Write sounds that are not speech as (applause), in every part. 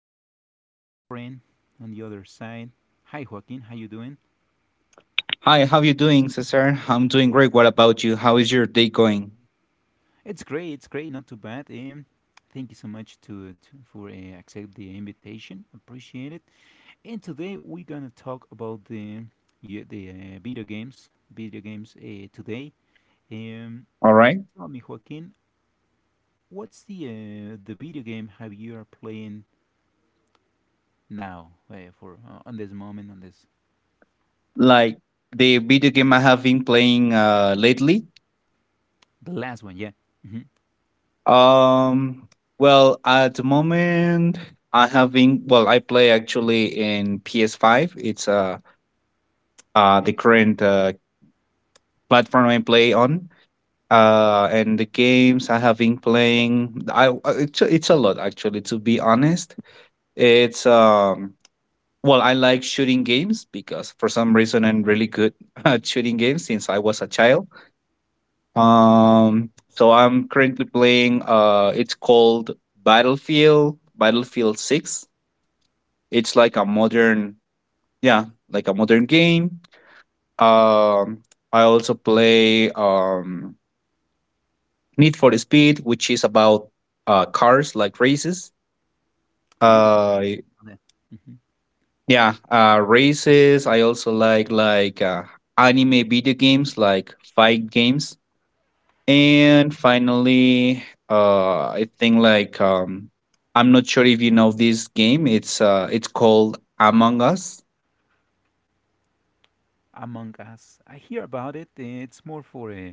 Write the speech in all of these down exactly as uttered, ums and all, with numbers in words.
today I have a friend on the other side. Hi, Joaquin. How you doing? Hi, how you doing, Cesar? I'm doing great. What about you? How is your day going? It's great. It's great. Not too bad. Um, thank you so much to, to for uh, accept the invitation. Appreciate it. And today we're gonna talk about the, yeah, the uh, video games. Video games uh, today. Um, All right. tell me, Joaquin, what's the uh, the video game have you are playing now uh, for uh, on this moment on this Like the video game I have been playing uh lately. the last one? Yeah. Mm-hmm. Um well, at the moment I have been well, I play actually in P S five. It's uh uh the Great. current uh platform I play on. Uh and the games I have been playing I uh, it's, a- it's a lot actually to be honest. It's um Well, I like shooting games because for some reason I'm really good (laughs) at shooting games since I was a Judy. child. Um, so I'm currently playing. Uh, it's called Battlefield Battlefield Six. It's like a modern, yeah, like a modern game. Um, I also play um, Need for Speed, which is about uh, cars like races. Beautiful. Uh, Yeah. Mhm. Yeah, uh, races. I also like like uh, anime video games, like fight games, and finally, uh, I think like um, I'm not sure if you know this game. It's uh, it's called Among Us. Among Us. I hear about it. uh, It's more for uh,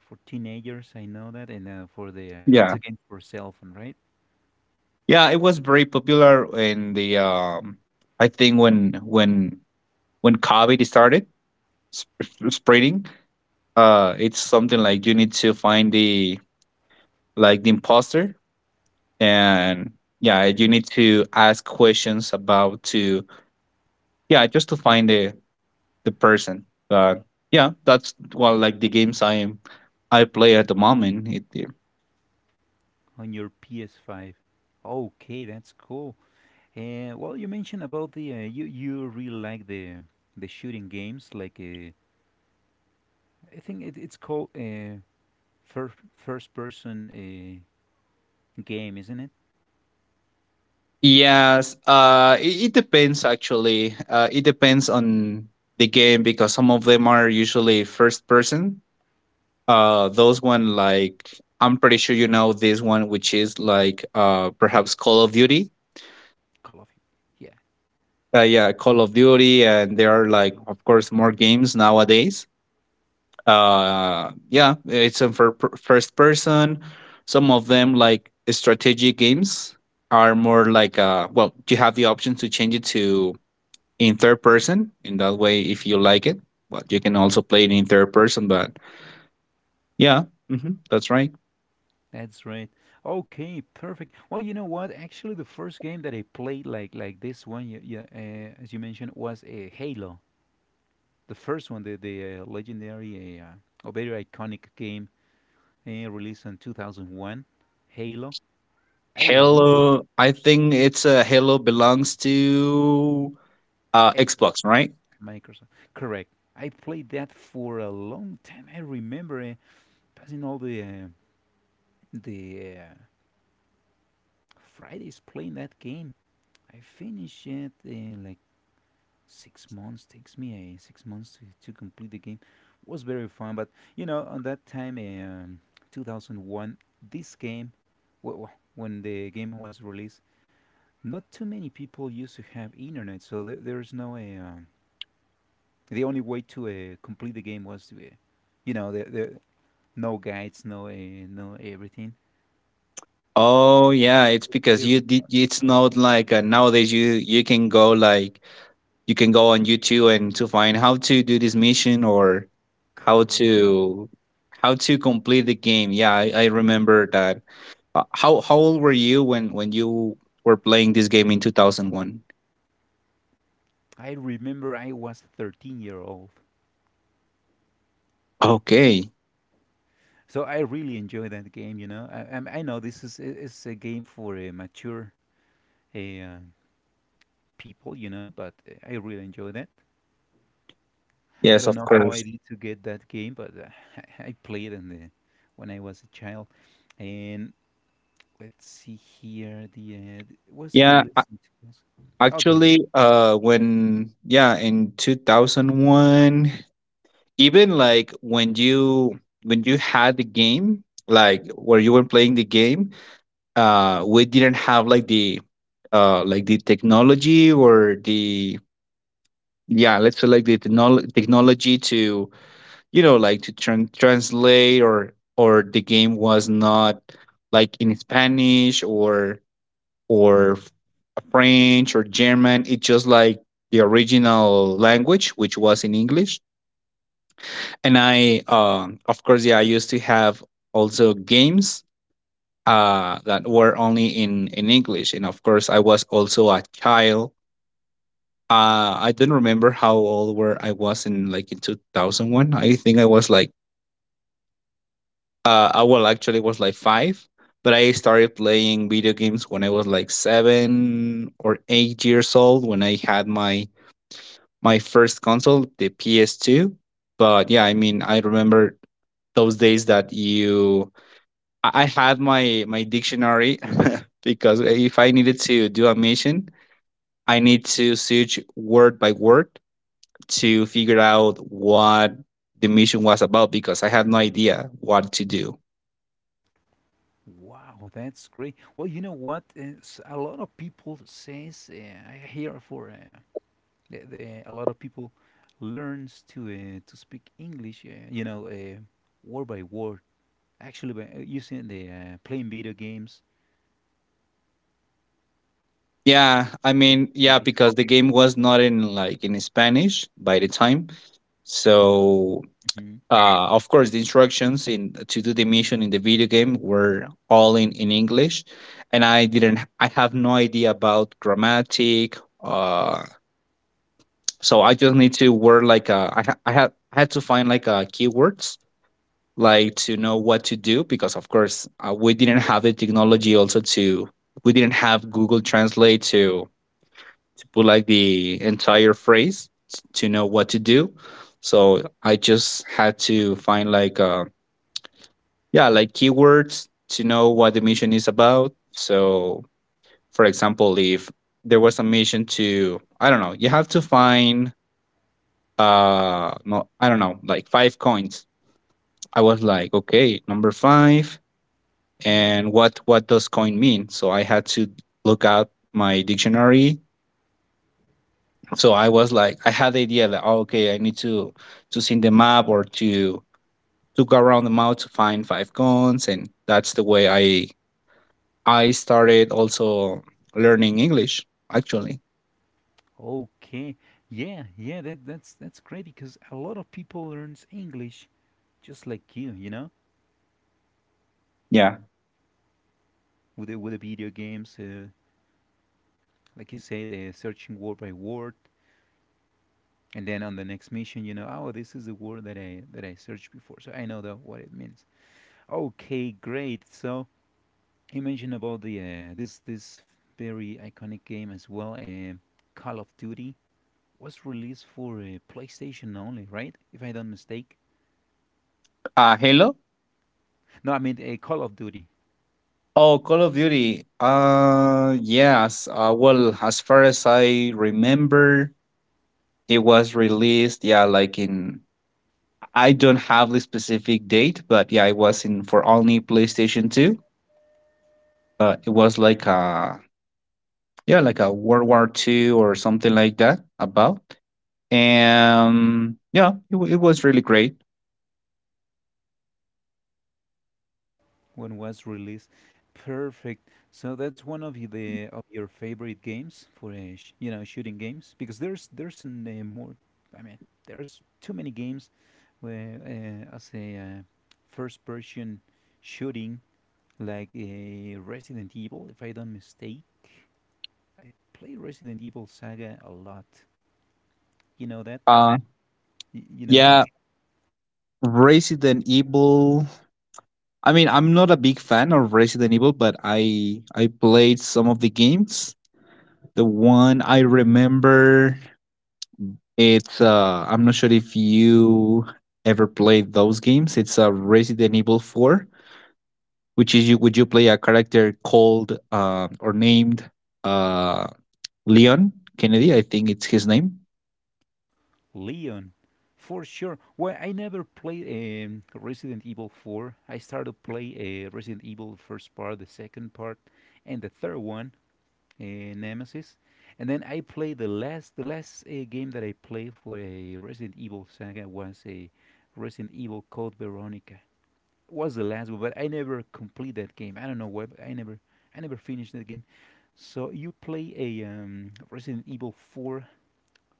for teenagers. I know that, and uh, for the, uh, it's Yeah, a game for cell phone, right? yeah, it was very popular in the um, I think when when when COVID started sp- spreading. Uh, it's something like you need to find the like the imposter, and yeah, you need to ask questions about to yeah, just to find the the person. But yeah, that's well, like the games i i play at the moment it, yeah. On your P S five. Okay, that's cool. Uh, well, you mentioned about the uh, you you really like the the shooting games, like uh, I think it, it's called uh, first first person uh, game, isn't it? Yes, uh it, it depends actually uh it depends on the game, because some of them are usually first person. Uh those one like, I'm pretty sure you know this one, which is like uh perhaps Call of Duty. Call of Duty. Yeah. Uh, yeah, Call of Duty, and there are like, of course, more games nowadays. Uh, yeah, it's a fir- per- first person. Some of them, like strategic games, are more like, uh, well, you have the option to change it to in third person. In that way, if you like it, but you can also play it in third person. But yeah, hmm that's right. That's right. Okay, perfect. Well, you know what? Actually, the first game that I played like like this one, you, you, uh, as you mentioned, was a Halo. The first one, the the uh, legendary, uh, uh, or very iconic game uh, released in twenty oh one, Halo. I really Halo, I think it's a uh, Halo belongs to uh, Xbox, Xbox, right? Microsoft. Correct. I played that for a long time. I remember uh, passing all the uh, the uh, Fridays playing that game. I finished it in like six months. Takes me uh, six months to, to complete the game. Was very fun. But you know, on that time, eh, um, two thousand one, this game, w- w- when the game was released, not too many people used to have internet. So there there's no. A. uh, the only way to uh, complete the game was to, uh, you know the, the no guides, no uh, no everything. Oh yeah, it's because Very you did. It's not like uh, nowadays you you can go like, you can go on YouTube and to find how to do this mission, or how correct. to how to complete the game. Yeah, I, I remember that. Uh, how how old were you when when you were playing this game in two thousand one? I remember I was thirteen year old. Okay. So I really enjoy that game. You know, I I'm- I know this is i- is a game for uh, mature uh, people. You know, but uh, I really enjoy that. I Yes, don't of know how I course. did to get that game, but uh, (laughs) I, I played in the when I was a child. And let's see here. The uh, it was Yeah, a- released in two thousand. Oh, tell me. actually, uh, when yeah, in two thousand one. Even like when you when you had the game, like where you were playing the game, uh we didn't have like the uh like the technology, or the yeah, let's say like the technol- technology to, you know, like to tran translate, or or the game was not like in Spanish, or or French or German. It's just like the original language, which was in English. And I, um of course, yeah, I used to have also games uh, that were only in in English, and of course, I was also a child. Uh, I don't remember how old were I was in like in two thousand one. I think I was like, uh, I well actually was like five, but I started playing video games when I was like seven or eight years old, when I had my my first console, the P S two. But yeah, I mean, I remember those days that you I I had my my dictionary (laughs) because if I needed to do a mission, I need to search word by word to figure out what the mission was about, because I had no idea what to do. Wow, that's great. Well, you know what? Uh, s- a lot of people says uh, I hear for uh, The- the- a lot of people learns to uh, to speak English, uh, you know, uh, word by word. Actually, by uh, using the uh, playing video games, Yeah, I watching mean, yeah, movies. because the game was not in like in Spanish by the time. So, hmm uh, of course, the instructions in to do the mission in the video game were all in in English, and I didn't. I have no idea about grammatic, uh, so I just need to word like uh, I ha- I had, I had to find like uh, keywords like to know what to do, because of course uh, we didn't have the technology also to, we didn't have Google Translate to to put like the entire phrase t- to know what to do. So I just had to find like uh, yeah, like keywords to know what the mission is about. So for example, if there was a mission to, I don't know, you have to find uh no, I don't know, like five coins. I was like, okay, number five, and what what does coin mean? So I had to look out my dictionary. So I was like, I had the idea that, oh, okay, I need to to see the map, or to to go around the map to find five coins. And that's the way i i started also learning English actually. Okay, yeah, yeah, that that's that's great because a lot of people learns English just like you, you know, Yeah. with the, with the video games, uh, like you said, uh, searching word by word, and then on the next mission, you know, oh, this is the word that I that I searched before, so I know that what it means. Okay, great. So you mentioned about the uh, this this very iconic game as well. Uh, Call of Duty was released for uh, PlayStation only, right? If I don't mistake. Uh hello? No, I mean, uh, Call of Duty Oh, Call of Duty. Uh, yes. Uh, well, as far as I remember, it was released, yeah, like in, I don't have the specific date, but yeah, it was in for only PlayStation Two. But it was like a, yeah, like a World War Two or something like that. About, and yeah, it, wa- it was really great. when was released. Perfect. So that's one of y- the of your favorite games for uh, sh- you know shooting games because there's there's an, uh, more. I mean, there's too many games where, uh, as a, uh, first person shooting, like a Resident Evil, if I don't mistake. I play Resident Evil Saga a lot. You know that? Uh, Y- You know that? yeah, Resident Evil. I mean, I'm not a big fan of Resident Evil, but I I played some of the games. The one I remember, it's uh, I'm not sure if you ever played those games. It's a uh, Resident Evil four, which is, you would, you play a character called uh, or named uh, Leon Kennedy? I think it's his name. Leon, for sure. Well, I never played um, Resident Evil four. I started to play, uh, Resident Evil first part, the second part, and the third one, uh, Nemesis. And then I played the last the last uh, game that I played for a Resident Evil Saga was a Resident Evil Code Veronica. Was the last one, but I never complete that game. I don't know why, but I never I never finished that game. So you play a, um, Resident Evil four,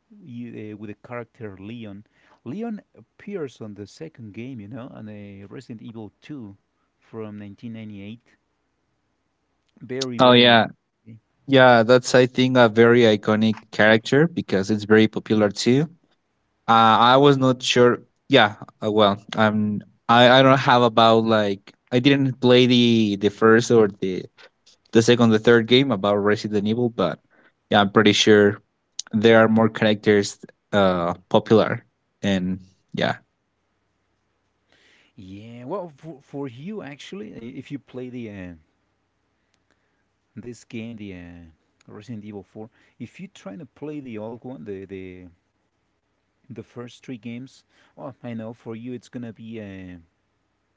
you, uh, with a character Leon. Leon appears on the second game, you know, on a Resident Evil two from nineteen ninety-eight. Very, Oh very yeah, interesting. yeah. That's, I think, a very iconic character because it's very popular too. Uh, I was not sure. Yeah, uh, well, I'm. I I don't have about like, I didn't play the the first, or the the second, the third game about Resident Evil, but yeah, I'm pretty sure there are more characters uh, popular, and yeah, Yeah, well, for, for you actually, i- if you play the, uh, this game, the, uh, Resident Evil four, if you're trying to play the old one, the the the first three games, well, I know for you it's gonna be uh,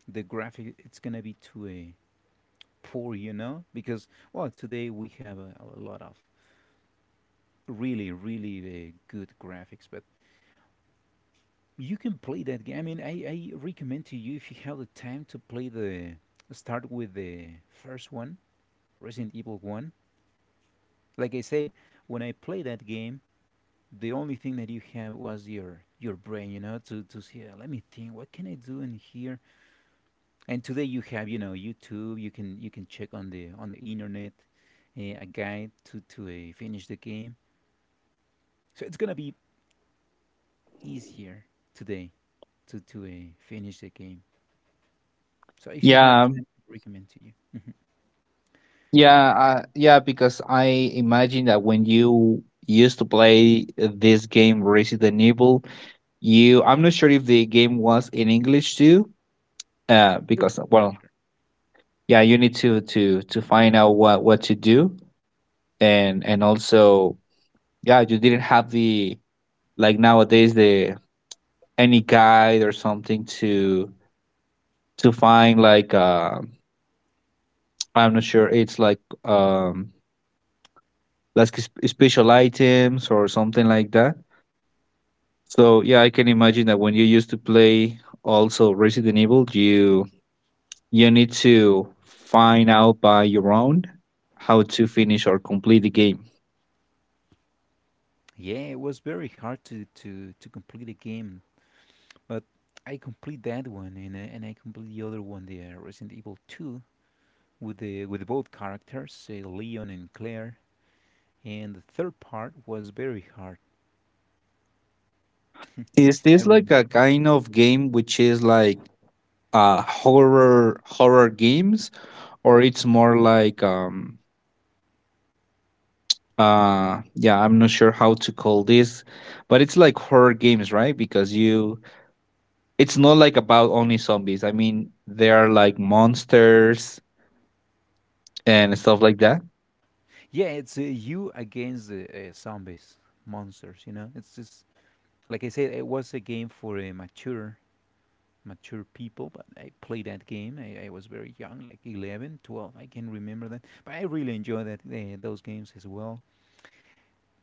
the graphic. It's gonna be too, Uh, poor, you know, because well, today we have a, a lot of really, really uh, good graphics. But you can play that game. I mean, I, I recommend to you if you have the time to play the start with the first one, Resident Evil One. Like I said, when I play that game, the only thing that you have was your your brain, you know, to to see. Uh, let me think. What can I do in here? And today you have, you know, YouTube. You can you can check on the on the internet, uh, a guide to to uh, finish the game. So it's gonna be easier today to to uh, finish the game. So if you have yeah, time, I recommend to you. yeah, uh, yeah. Because I imagine that when you used to play this game Resident Evil, you I'm not sure if the game was in English too, uh, Sure. because well, Sure. yeah, you need to to to find out what what to do, and and also yeah, you didn't have the like nowadays the any guide or something to to find like uh, I'm not sure it's like um like sp- special items or something like that. So yeah, I can imagine that when you used to play also Resident Evil, you you need to find out by your own how to finish or complete the game. Yeah, it was very hard to to to complete the game. But I complete that one and, uh, and I complete the other one, the uh, Resident Evil Two, with the with both characters, say Leon and Claire. And the third part was very hard. Is I this like remember. a kind of game which is like uh horror horror games, or it's more like um uh yeah, I'm not sure how to call this, but it's like horror games, right? Because you, it's not like about only zombies, I mean, there are like monsters and stuff like that. Yeah, it's, uh, you against the, uh, zombies, monsters. You know, it's just like I said, it was a game for a mature mature people, but I played that game. I, I was very young, like eleven, twelve. I can remember that. But I really enjoy that uh, those games as well.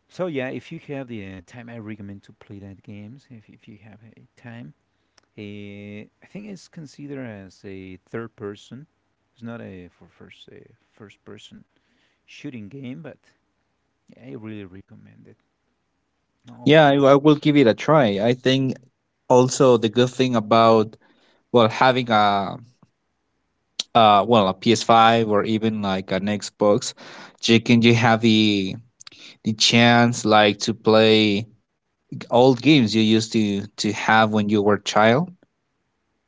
So yeah, if you have the uh, time, I recommend to play that games. If if you have a time, uh, I think it's considered as a third person. It's not a for first uh, first person shooting game. But yeah, I really recommend it. Yeah, i, Okay. I will give it a try, I think. Also the good thing about, well, having a uh well a P S five, or even like an xbox, you can, you have the the chance like to play old games you used to to have when you were child.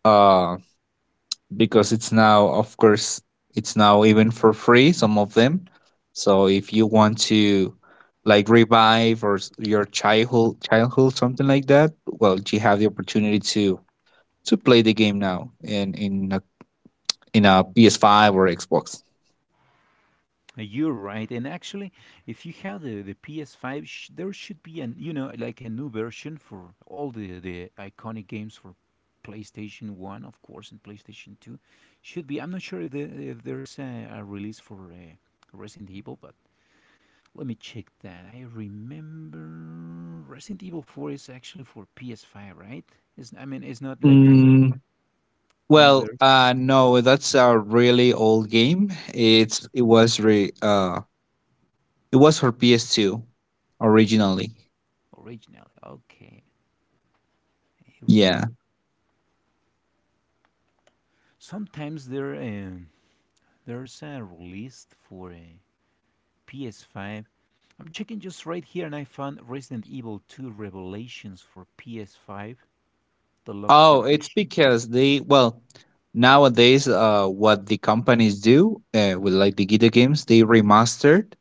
Uh. Because it's now, of course, it's now even for free some of them. So if you want to like revive or s- your childhood childhood something like that, well, you have the opportunity to to play the game now in in a, in a P S five or xbox. You're right, and actually, if you have the, the P S five, sh- there should be an, you know like a new version for all the the iconic games for PlayStation One, of course, and PlayStation Two. Should be. I'm not sure if, the, if there's a, a release for uh, Resident Evil, but let me check that. I remember Resident Evil Four is actually for P S five, right? It's, I mean, it's not like a Mm, new well, version uh, no, that's a really old game. It's it was re uh it was for P S two originally. originally. Okay, I Yeah. remember. Sometimes there. Um, There's a release for uh, P S five. I'm checking just right here and I found Resident Evil two Revelations for P S five Deluxe Oh, it's Edition. because they, well, nowadays uh what the companies do uh, with like the Gita games, they remastered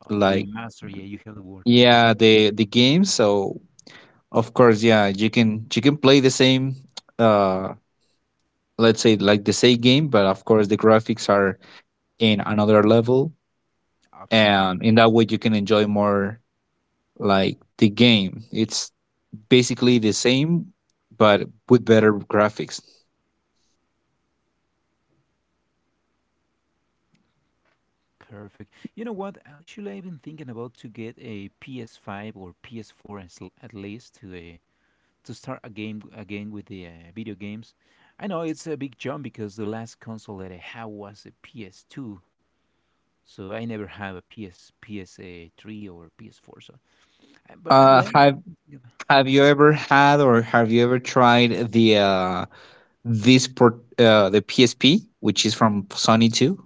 Uh, like, remaster, yeah, you have the word. yeah, the the games. So of course, yeah, you can you can play the same uh let's say like the same game, but of course the graphics are in another level. Absolutely. And in that way you can enjoy more, like, the game it's basically the same, but with better graphics. Perfect. You know what? Actually, I've been thinking about to get a P S five or P S four, as l- at least to a to start a game again with the uh, video games. I know it's a big jump because the last console that I had was a P S two, so I never have a P S P S three or P S four. So, uh, but uh, Uh, yeah, have yeah, Have you ever had, or have you ever tried the uh, this port, uh, the P S P, which is from Sony too?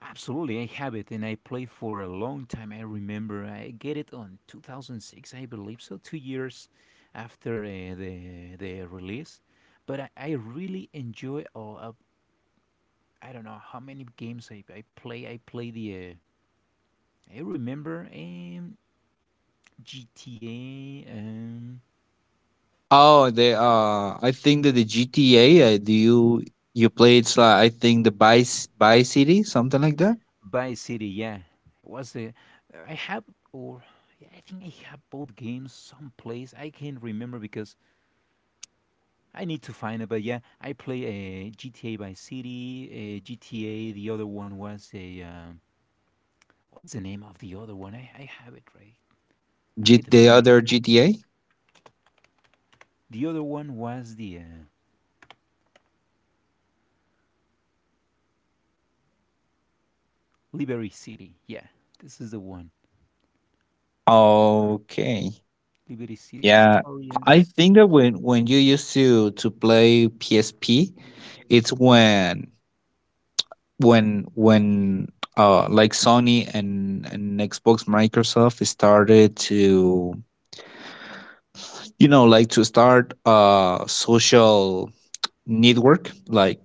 absolutely, I have it, and I played for a long time. I remember I get it on two thousand six, I believe, so two years after uh, the the release. But I, I really enjoy all. Uh, I don't know how many games I, I play. I play the. Uh, I remember, um, G T A. Um, Oh, the uh, I think that the G T A. Uh, do you you played? Uh, I think the Vice Vice City, something like that. By City, yeah. It was a, I have, or yeah, I think I have both games someplace. I can't remember because I need to find it. But yeah, I play a G T A Vice City, a G T A. The other one was a, um, what's the name of the other one? I, I have it right. I need G- to The find it. other G T A. The other one was the uh, Liberty City. Yeah, this is the one. Okay, Liberty City yeah. I Historians. think that when when you used to to play P S P. It's when when when uh like Sony and and Xbox Microsoft started to, you know like to start a social network, like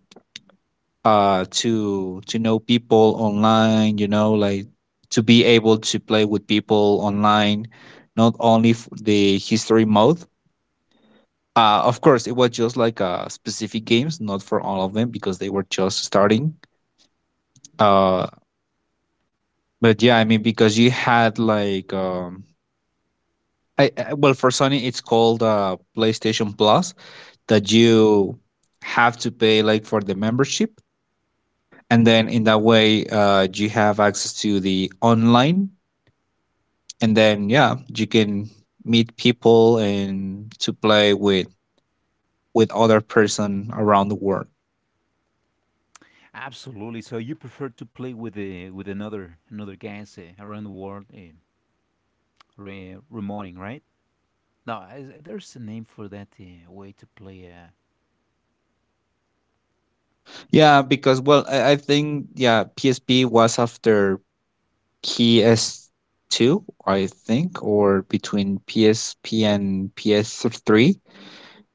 uh to to know people online, you know like to be able to play with people online, not only f- the history mode. Uh of course it was just like uh specific games, not for all of them because they were just starting. uh but yeah, I mean, because you had like um I, I well, for Sony it's called uh, PlayStation Plus, that you have to pay like for the membership, and then in that way, uh, you have access to the online. And then yeah, you can meet people and to play with with other person around the world. Absolutely. So you prefer to play with a, with another another guys uh, around the world. Uh, Re- remoting, right? No, is, there's a name for that uh, way to play. Uh, Yeah, because well I, I think yeah, P S P was after P S two, I think, or between P S P and P S three.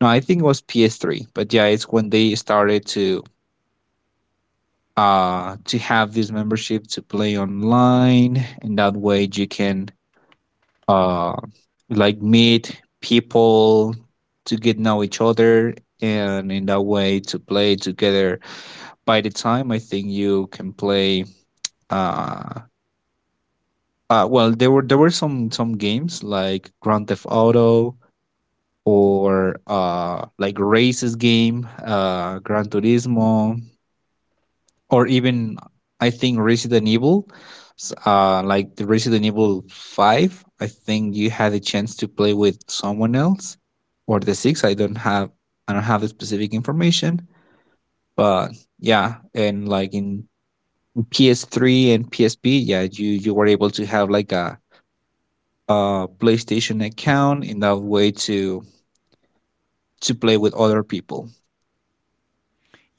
No, I think it was P S three. But yeah, it's when they started to uh to have this membership to play online, and that way you can uh like meet people, to get know each other, and in that way to play together. By the time I think you can play. uh uh well, there were there were some some games like Grand Theft Auto, or uh like races game, uh Gran Turismo, or even I think Resident Evil, s- uh, like the Resident Evil Five. I think you had a chance to play with someone else, or the six. I don't have I don't have the specific information, but yeah, and like in P S three and P S P, yeah, you you were able to have like a, a PlayStation account, in that way to to play with other people.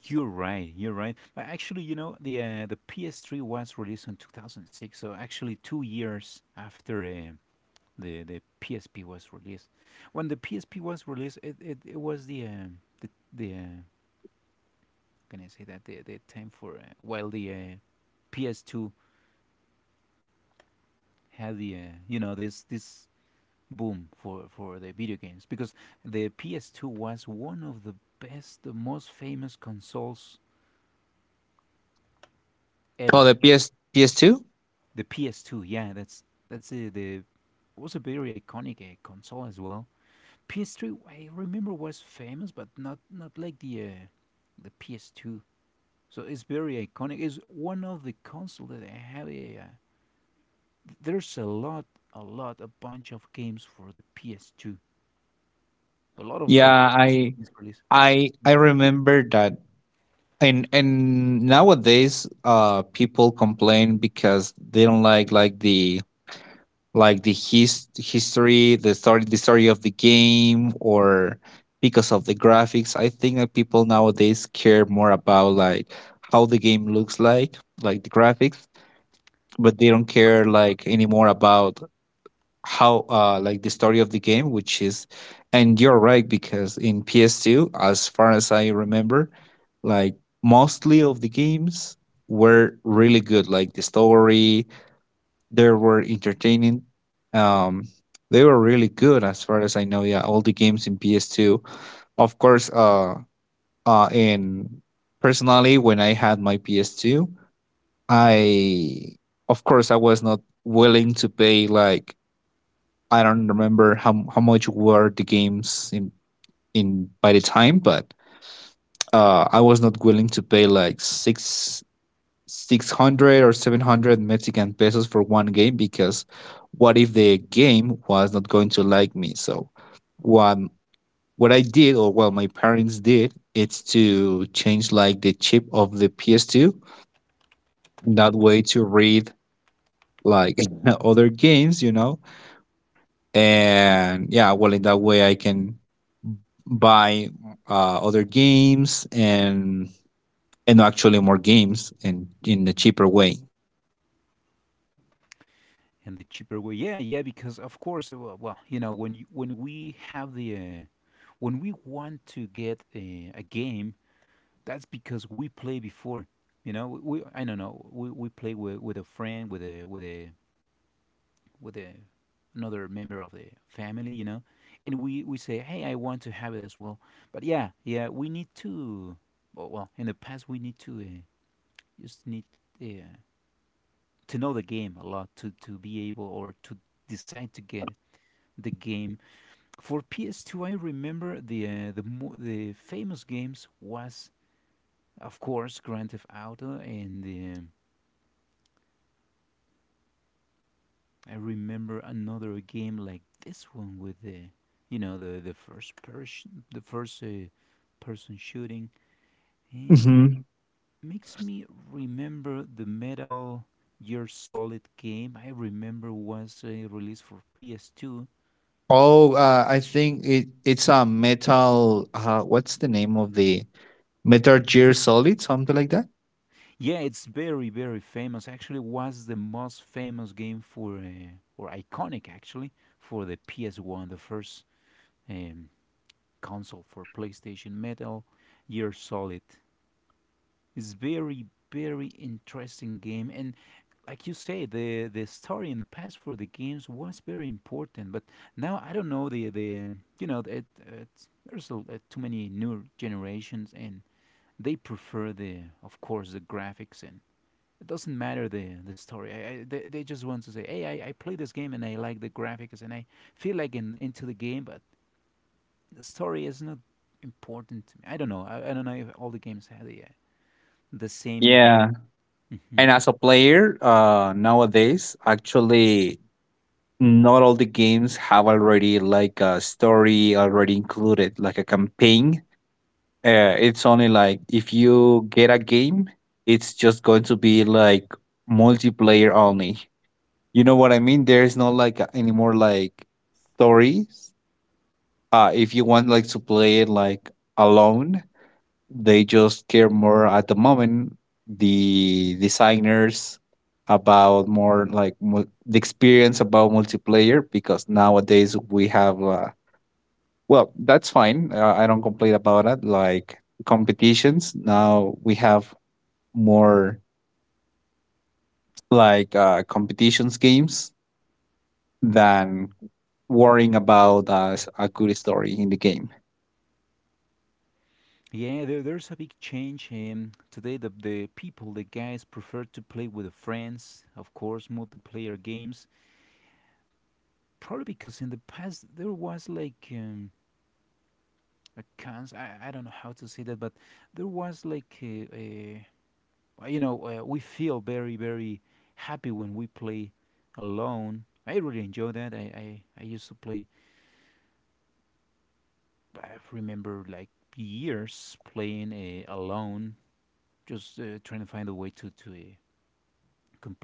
You're right. You're right. But actually, you know, the uh, the P S three was released in two thousand six, so actually two years after uh, the the P S P was released. When the P S P was released, it it, it was the uh, the the uh, how can I say that, the the time for uh, while the uh, P S two had the uh, you know this this boom for, for the video games because the P S two was one of the best, the most famous consoles Oh, ever. the P S P S two. The P S two, yeah, that's that's the the was a very iconic uh, console as well. P S three, I remember was famous, but not not like the uh, the P S two. So it's very iconic. It's one of the consoles that I have. Yeah, yeah. There's a lot, a lot, a bunch of games for the P S two. A lot of of, Yeah, of I games released. I I remember that. And and nowadays uh people complain because they don't like like the like the his, history, the story the story of the game, or because of the graphics. I think that people nowadays care more about like how the game looks like, like the graphics. But they don't care like anymore about how uh like the story of the game, which is. And you're right, because in P S two, as far as I remember, like mostly of the games were really good, like the story, they were entertaining. um they were really good, as far as I know. Yeah, all the games in P S two, of course. Uh uh in Personally, when I had my P S two, I, of course, I was not willing to pay like. I don't remember how how much were the games in in by the time. But uh, I was not willing to pay like six six hundred or seven hundred Mexican pesos for one game, because what if the game was not going to like me? So what what I did, or well, my parents did, it's to change like the chip of the P S two, in that way to read like (laughs) other games, you know. And yeah, well, in that way, I can buy uh, other games, and and no, actually more games in in a cheaper way. And the cheaper way. Yeah, yeah, because of course, uh, well, you know, when you, when we have the uh, when we want to get a, a game, that's because we play before. You know, we I don't know, we, we play with, with a friend, with a with a with a another member of the family, you know, and we we say, hey, I want to have it as well. But yeah, yeah, we need to. Well, well, in the past, we need to uh, just need uh, to know the game a lot to to be able or to decide to get it. The game for P S two. I remember the uh, the mo- the famous games was of course Grand Theft Auto, and um I remember another game like this one with the, you know, the the first person, the first uh, person shooting. Eh, Hmm. Makes me remember the Metal Gear Solid game. I remember was uh, released for P S two. Oh, uh, I think it it's a metal. Uh, what's the name of the Metal Gear Solid? Something like that. Yeah, it's very, very famous. Actually, was the most famous game for, uh, or iconic actually, for the P S one, the first um, console for PlayStation. Metal Gear Solid. It's very, very interesting game, and like you say, the the story in the past for the games was very important. But now I don't know the the um, you know it, it's, there's a, uh, too many new generations, and they prefer the of course the graphics, and it doesn't matter the the story. I, I, they, they just want to say, hey, I, I play this game and I like the graphics, and I feel like in, into the game, but the story is not important to me. I don't know. I, I don't know if all the games have the, uh, the same. Yeah. Hmm. And as a player, uh, nowadays, actually not all the games have already like a story already included, like a campaign. Uh, it's only like, if you get a game, it's just going to be like multiplayer only. You know what I mean? There's not like a- any more like stories. Uh, if you want like to play it like alone, they just care more at the moment, the designers, about more like mul- the experience about multiplayer, because nowadays we have, uh, well, that's fine. Uh, I don't complain about it. Like competitions, now we have more like uh, competitions games than worrying about uh, s- a good story in the game. Yeah, there, there's a big change. Um, today, the, the people, the guys, prefer to play with friends, of course, multiplayer games. Probably because in the past there was like, um, a cons. I, I don't know how to say that, but there was like a, a uh, you know, uh, we feel very, very happy when we play alone. I really enjoy that. I, I, I used to play, I remember like years playing uh, alone, just uh, trying to find a way to, to uh,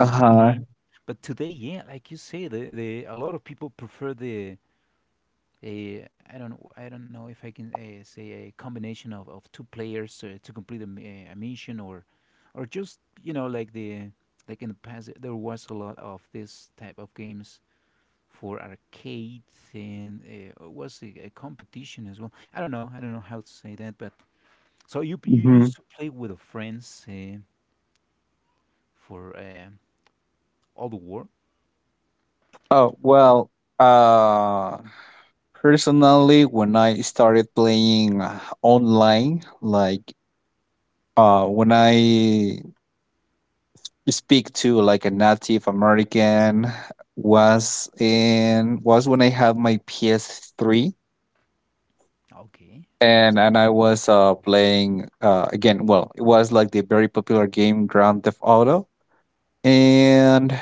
Uh the huh. game. But today, yeah, like you say, the, the, a lot of people prefer the a, I don't, I don't know if I can uh, say a combination of, of two players uh, to complete a, m- a- a mission, or or just, you know, like the, like in the past there was a lot of this type of games for arcade, and uh, it was a, a competition as well. I don't know, I don't know how to say that, but so you you Hmm. used to play with the friends uh, for uh, all the war. Oh well. Uh, Personally, when I started playing uh, online, like, uh, when I speak to like a Native American, was in was when I had my P S three, Okay. and and I was uh playing, uh again, well, it was like the very popular game Grand Theft Auto. And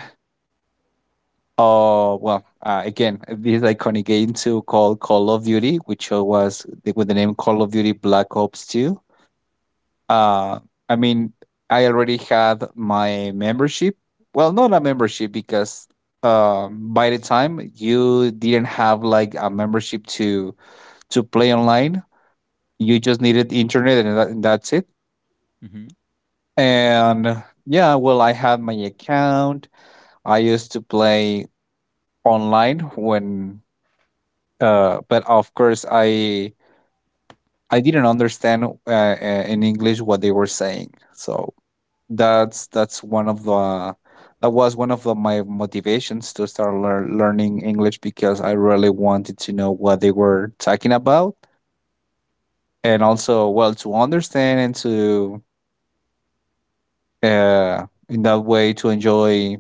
uh well uh, again, this iconic game too called Call of Duty, which uh, was the, with the name Call of Duty Black Ops two. Uh, I mean, I already had my membership. Well, not a membership because, um, by the time you didn't have like a membership to to play online. You just needed internet and, that, and that's it. Mm-hmm. And yeah, well, I had my account. I used to play online when, uh, but of course, I I didn't understand uh, uh, in English what they were saying. So that's that's one of the that was one of the, my motivations to start lear- learning English, because I really wanted to know what they were talking about, and also well to understand and to, uh, in that way, to enjoy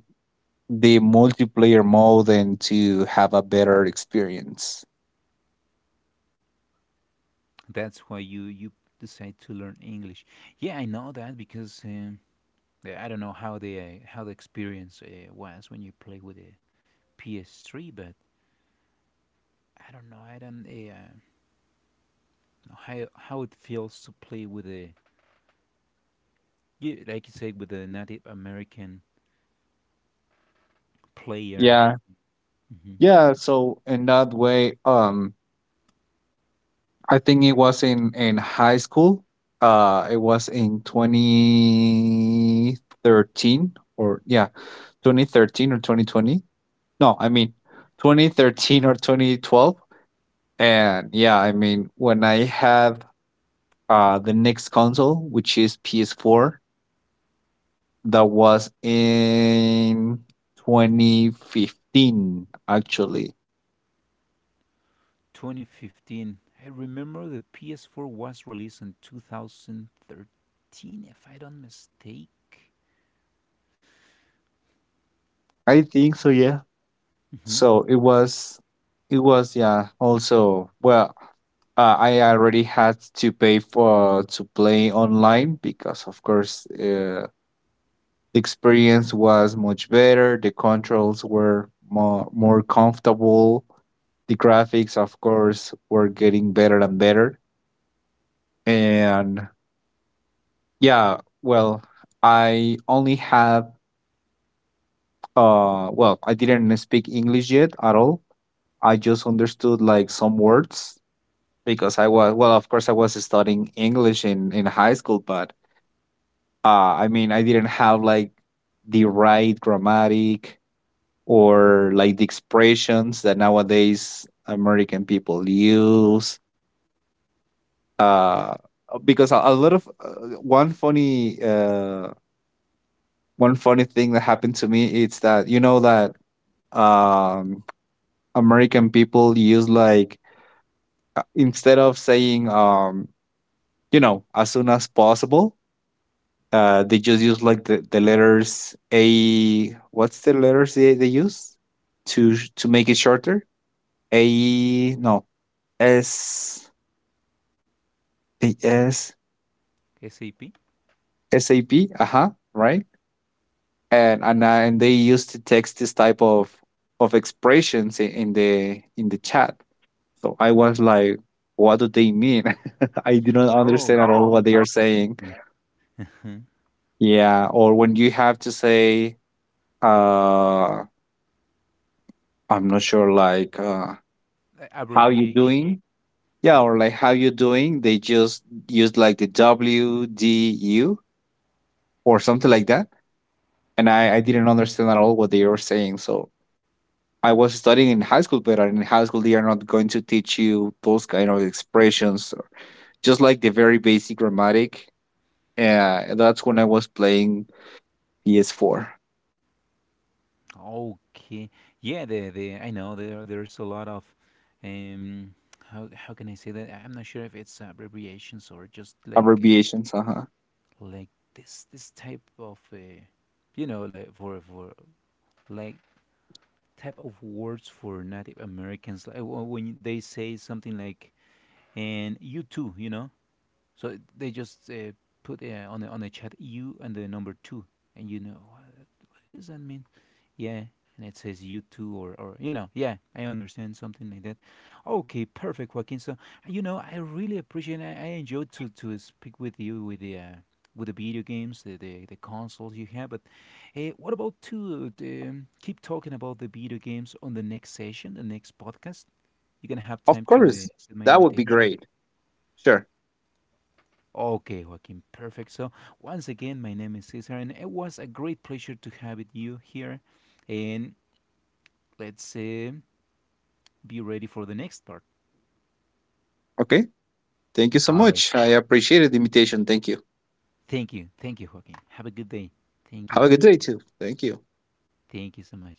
the multiplayer mode and to have a better experience. That's why you you decide to learn English. Yeah, I know that because. Um, Yeah, I don't know how the uh, how the experience uh, was when you play with the P S three, but I don't know. I don't uh, know how how it feels to play with a, yeah, like you said, with a Native American player. Yeah, Hmm. yeah. So in that way, um, I think it was in in high school. Uh, it was in twenty thirteen, or yeah, twenty thirteen or twenty twenty. No, I mean twenty thirteen or twenty twelve. And yeah, I mean when I have uh the next console, which is P S four, that was in twenty fifteen actually. twenty fifteen. I remember the P S four was released in two thousand thirteen, if I don't mistake. I think so. Yeah. Hmm. So it was, it was yeah, also well, uh, I already had to pay for to play online, because of course, uh, the experience was much better. The controls were more more comfortable. The graphics, of course, were getting better and better. And yeah, well, I only have, uh well, I didn't speak English yet at all. I just understood like some words, because I was, well, of course, I was studying English in in high school. But uh, I mean, I didn't have like the right grammatic or like the expressions that nowadays American people use. Uh, because, a, a lot of uh, one funny uh, one funny thing that happened to me is that you know that, um, American people use like, uh, instead of saying, um, you know, as soon as possible. Uh, they just use like the, the letters A. What's the letters they, they use to sh- to make it shorter? A, no, S, the S S A P. S A P. Uh huh. Right. And and uh, and they used to text this type of of expressions, i- in the in the chat. So I was like, what do they mean? (laughs) I do not Oh, understand at all oh, what they are I get saying. you. Yeah. Or when you have to say, uh, I'm not sure, like. Uh, (laughs) how you Abbreviation. doing? Yeah. Or like, how you doing? They just used like the wdu or something like that, and i i didn't understand at all what they were saying. So I was studying in high school, but in high school they are not going to teach you those kind of expressions, or just like the very basic grammatic. Yeah, that's when I was playing P S four. Okay. Yeah, the the I know there, there's a lot of um how how can I say that? I'm not sure if it's abbreviations or just like, uh, Abbreviations. Uh-huh. like this this type of uh, you know, like for for like type of words for Native Americans, like wh- when they say something like, and you too, you know? So they just uh, put uh, on the, on the chat you and the number two, and you know what does that mean? Yeah. And it says you too, or, or, you know, yeah, I understand something like that. Okay, perfect, Joaquin. So, you know, I really appreciate I, I enjoyed to, to speak with you with the. Uh, with the video games, the, the, the consoles you have, but eh, what about to um, keep talking about the video games on the next session, the next podcast? You're gonna have Of time to uh, course, accept my that would be invitation. great. Sure. Okay, Joaquin, perfect. So, once again, my name is Cesar, and it was a great pleasure to have it you here. And let's uh, be ready for the next part. Okay, thank you so All right. much. I appreciated the invitation. Thank you. Thank you. Thank you, Joaquin. Have a good day. Thank you. Have a good day too. Thank you. Thank you so much.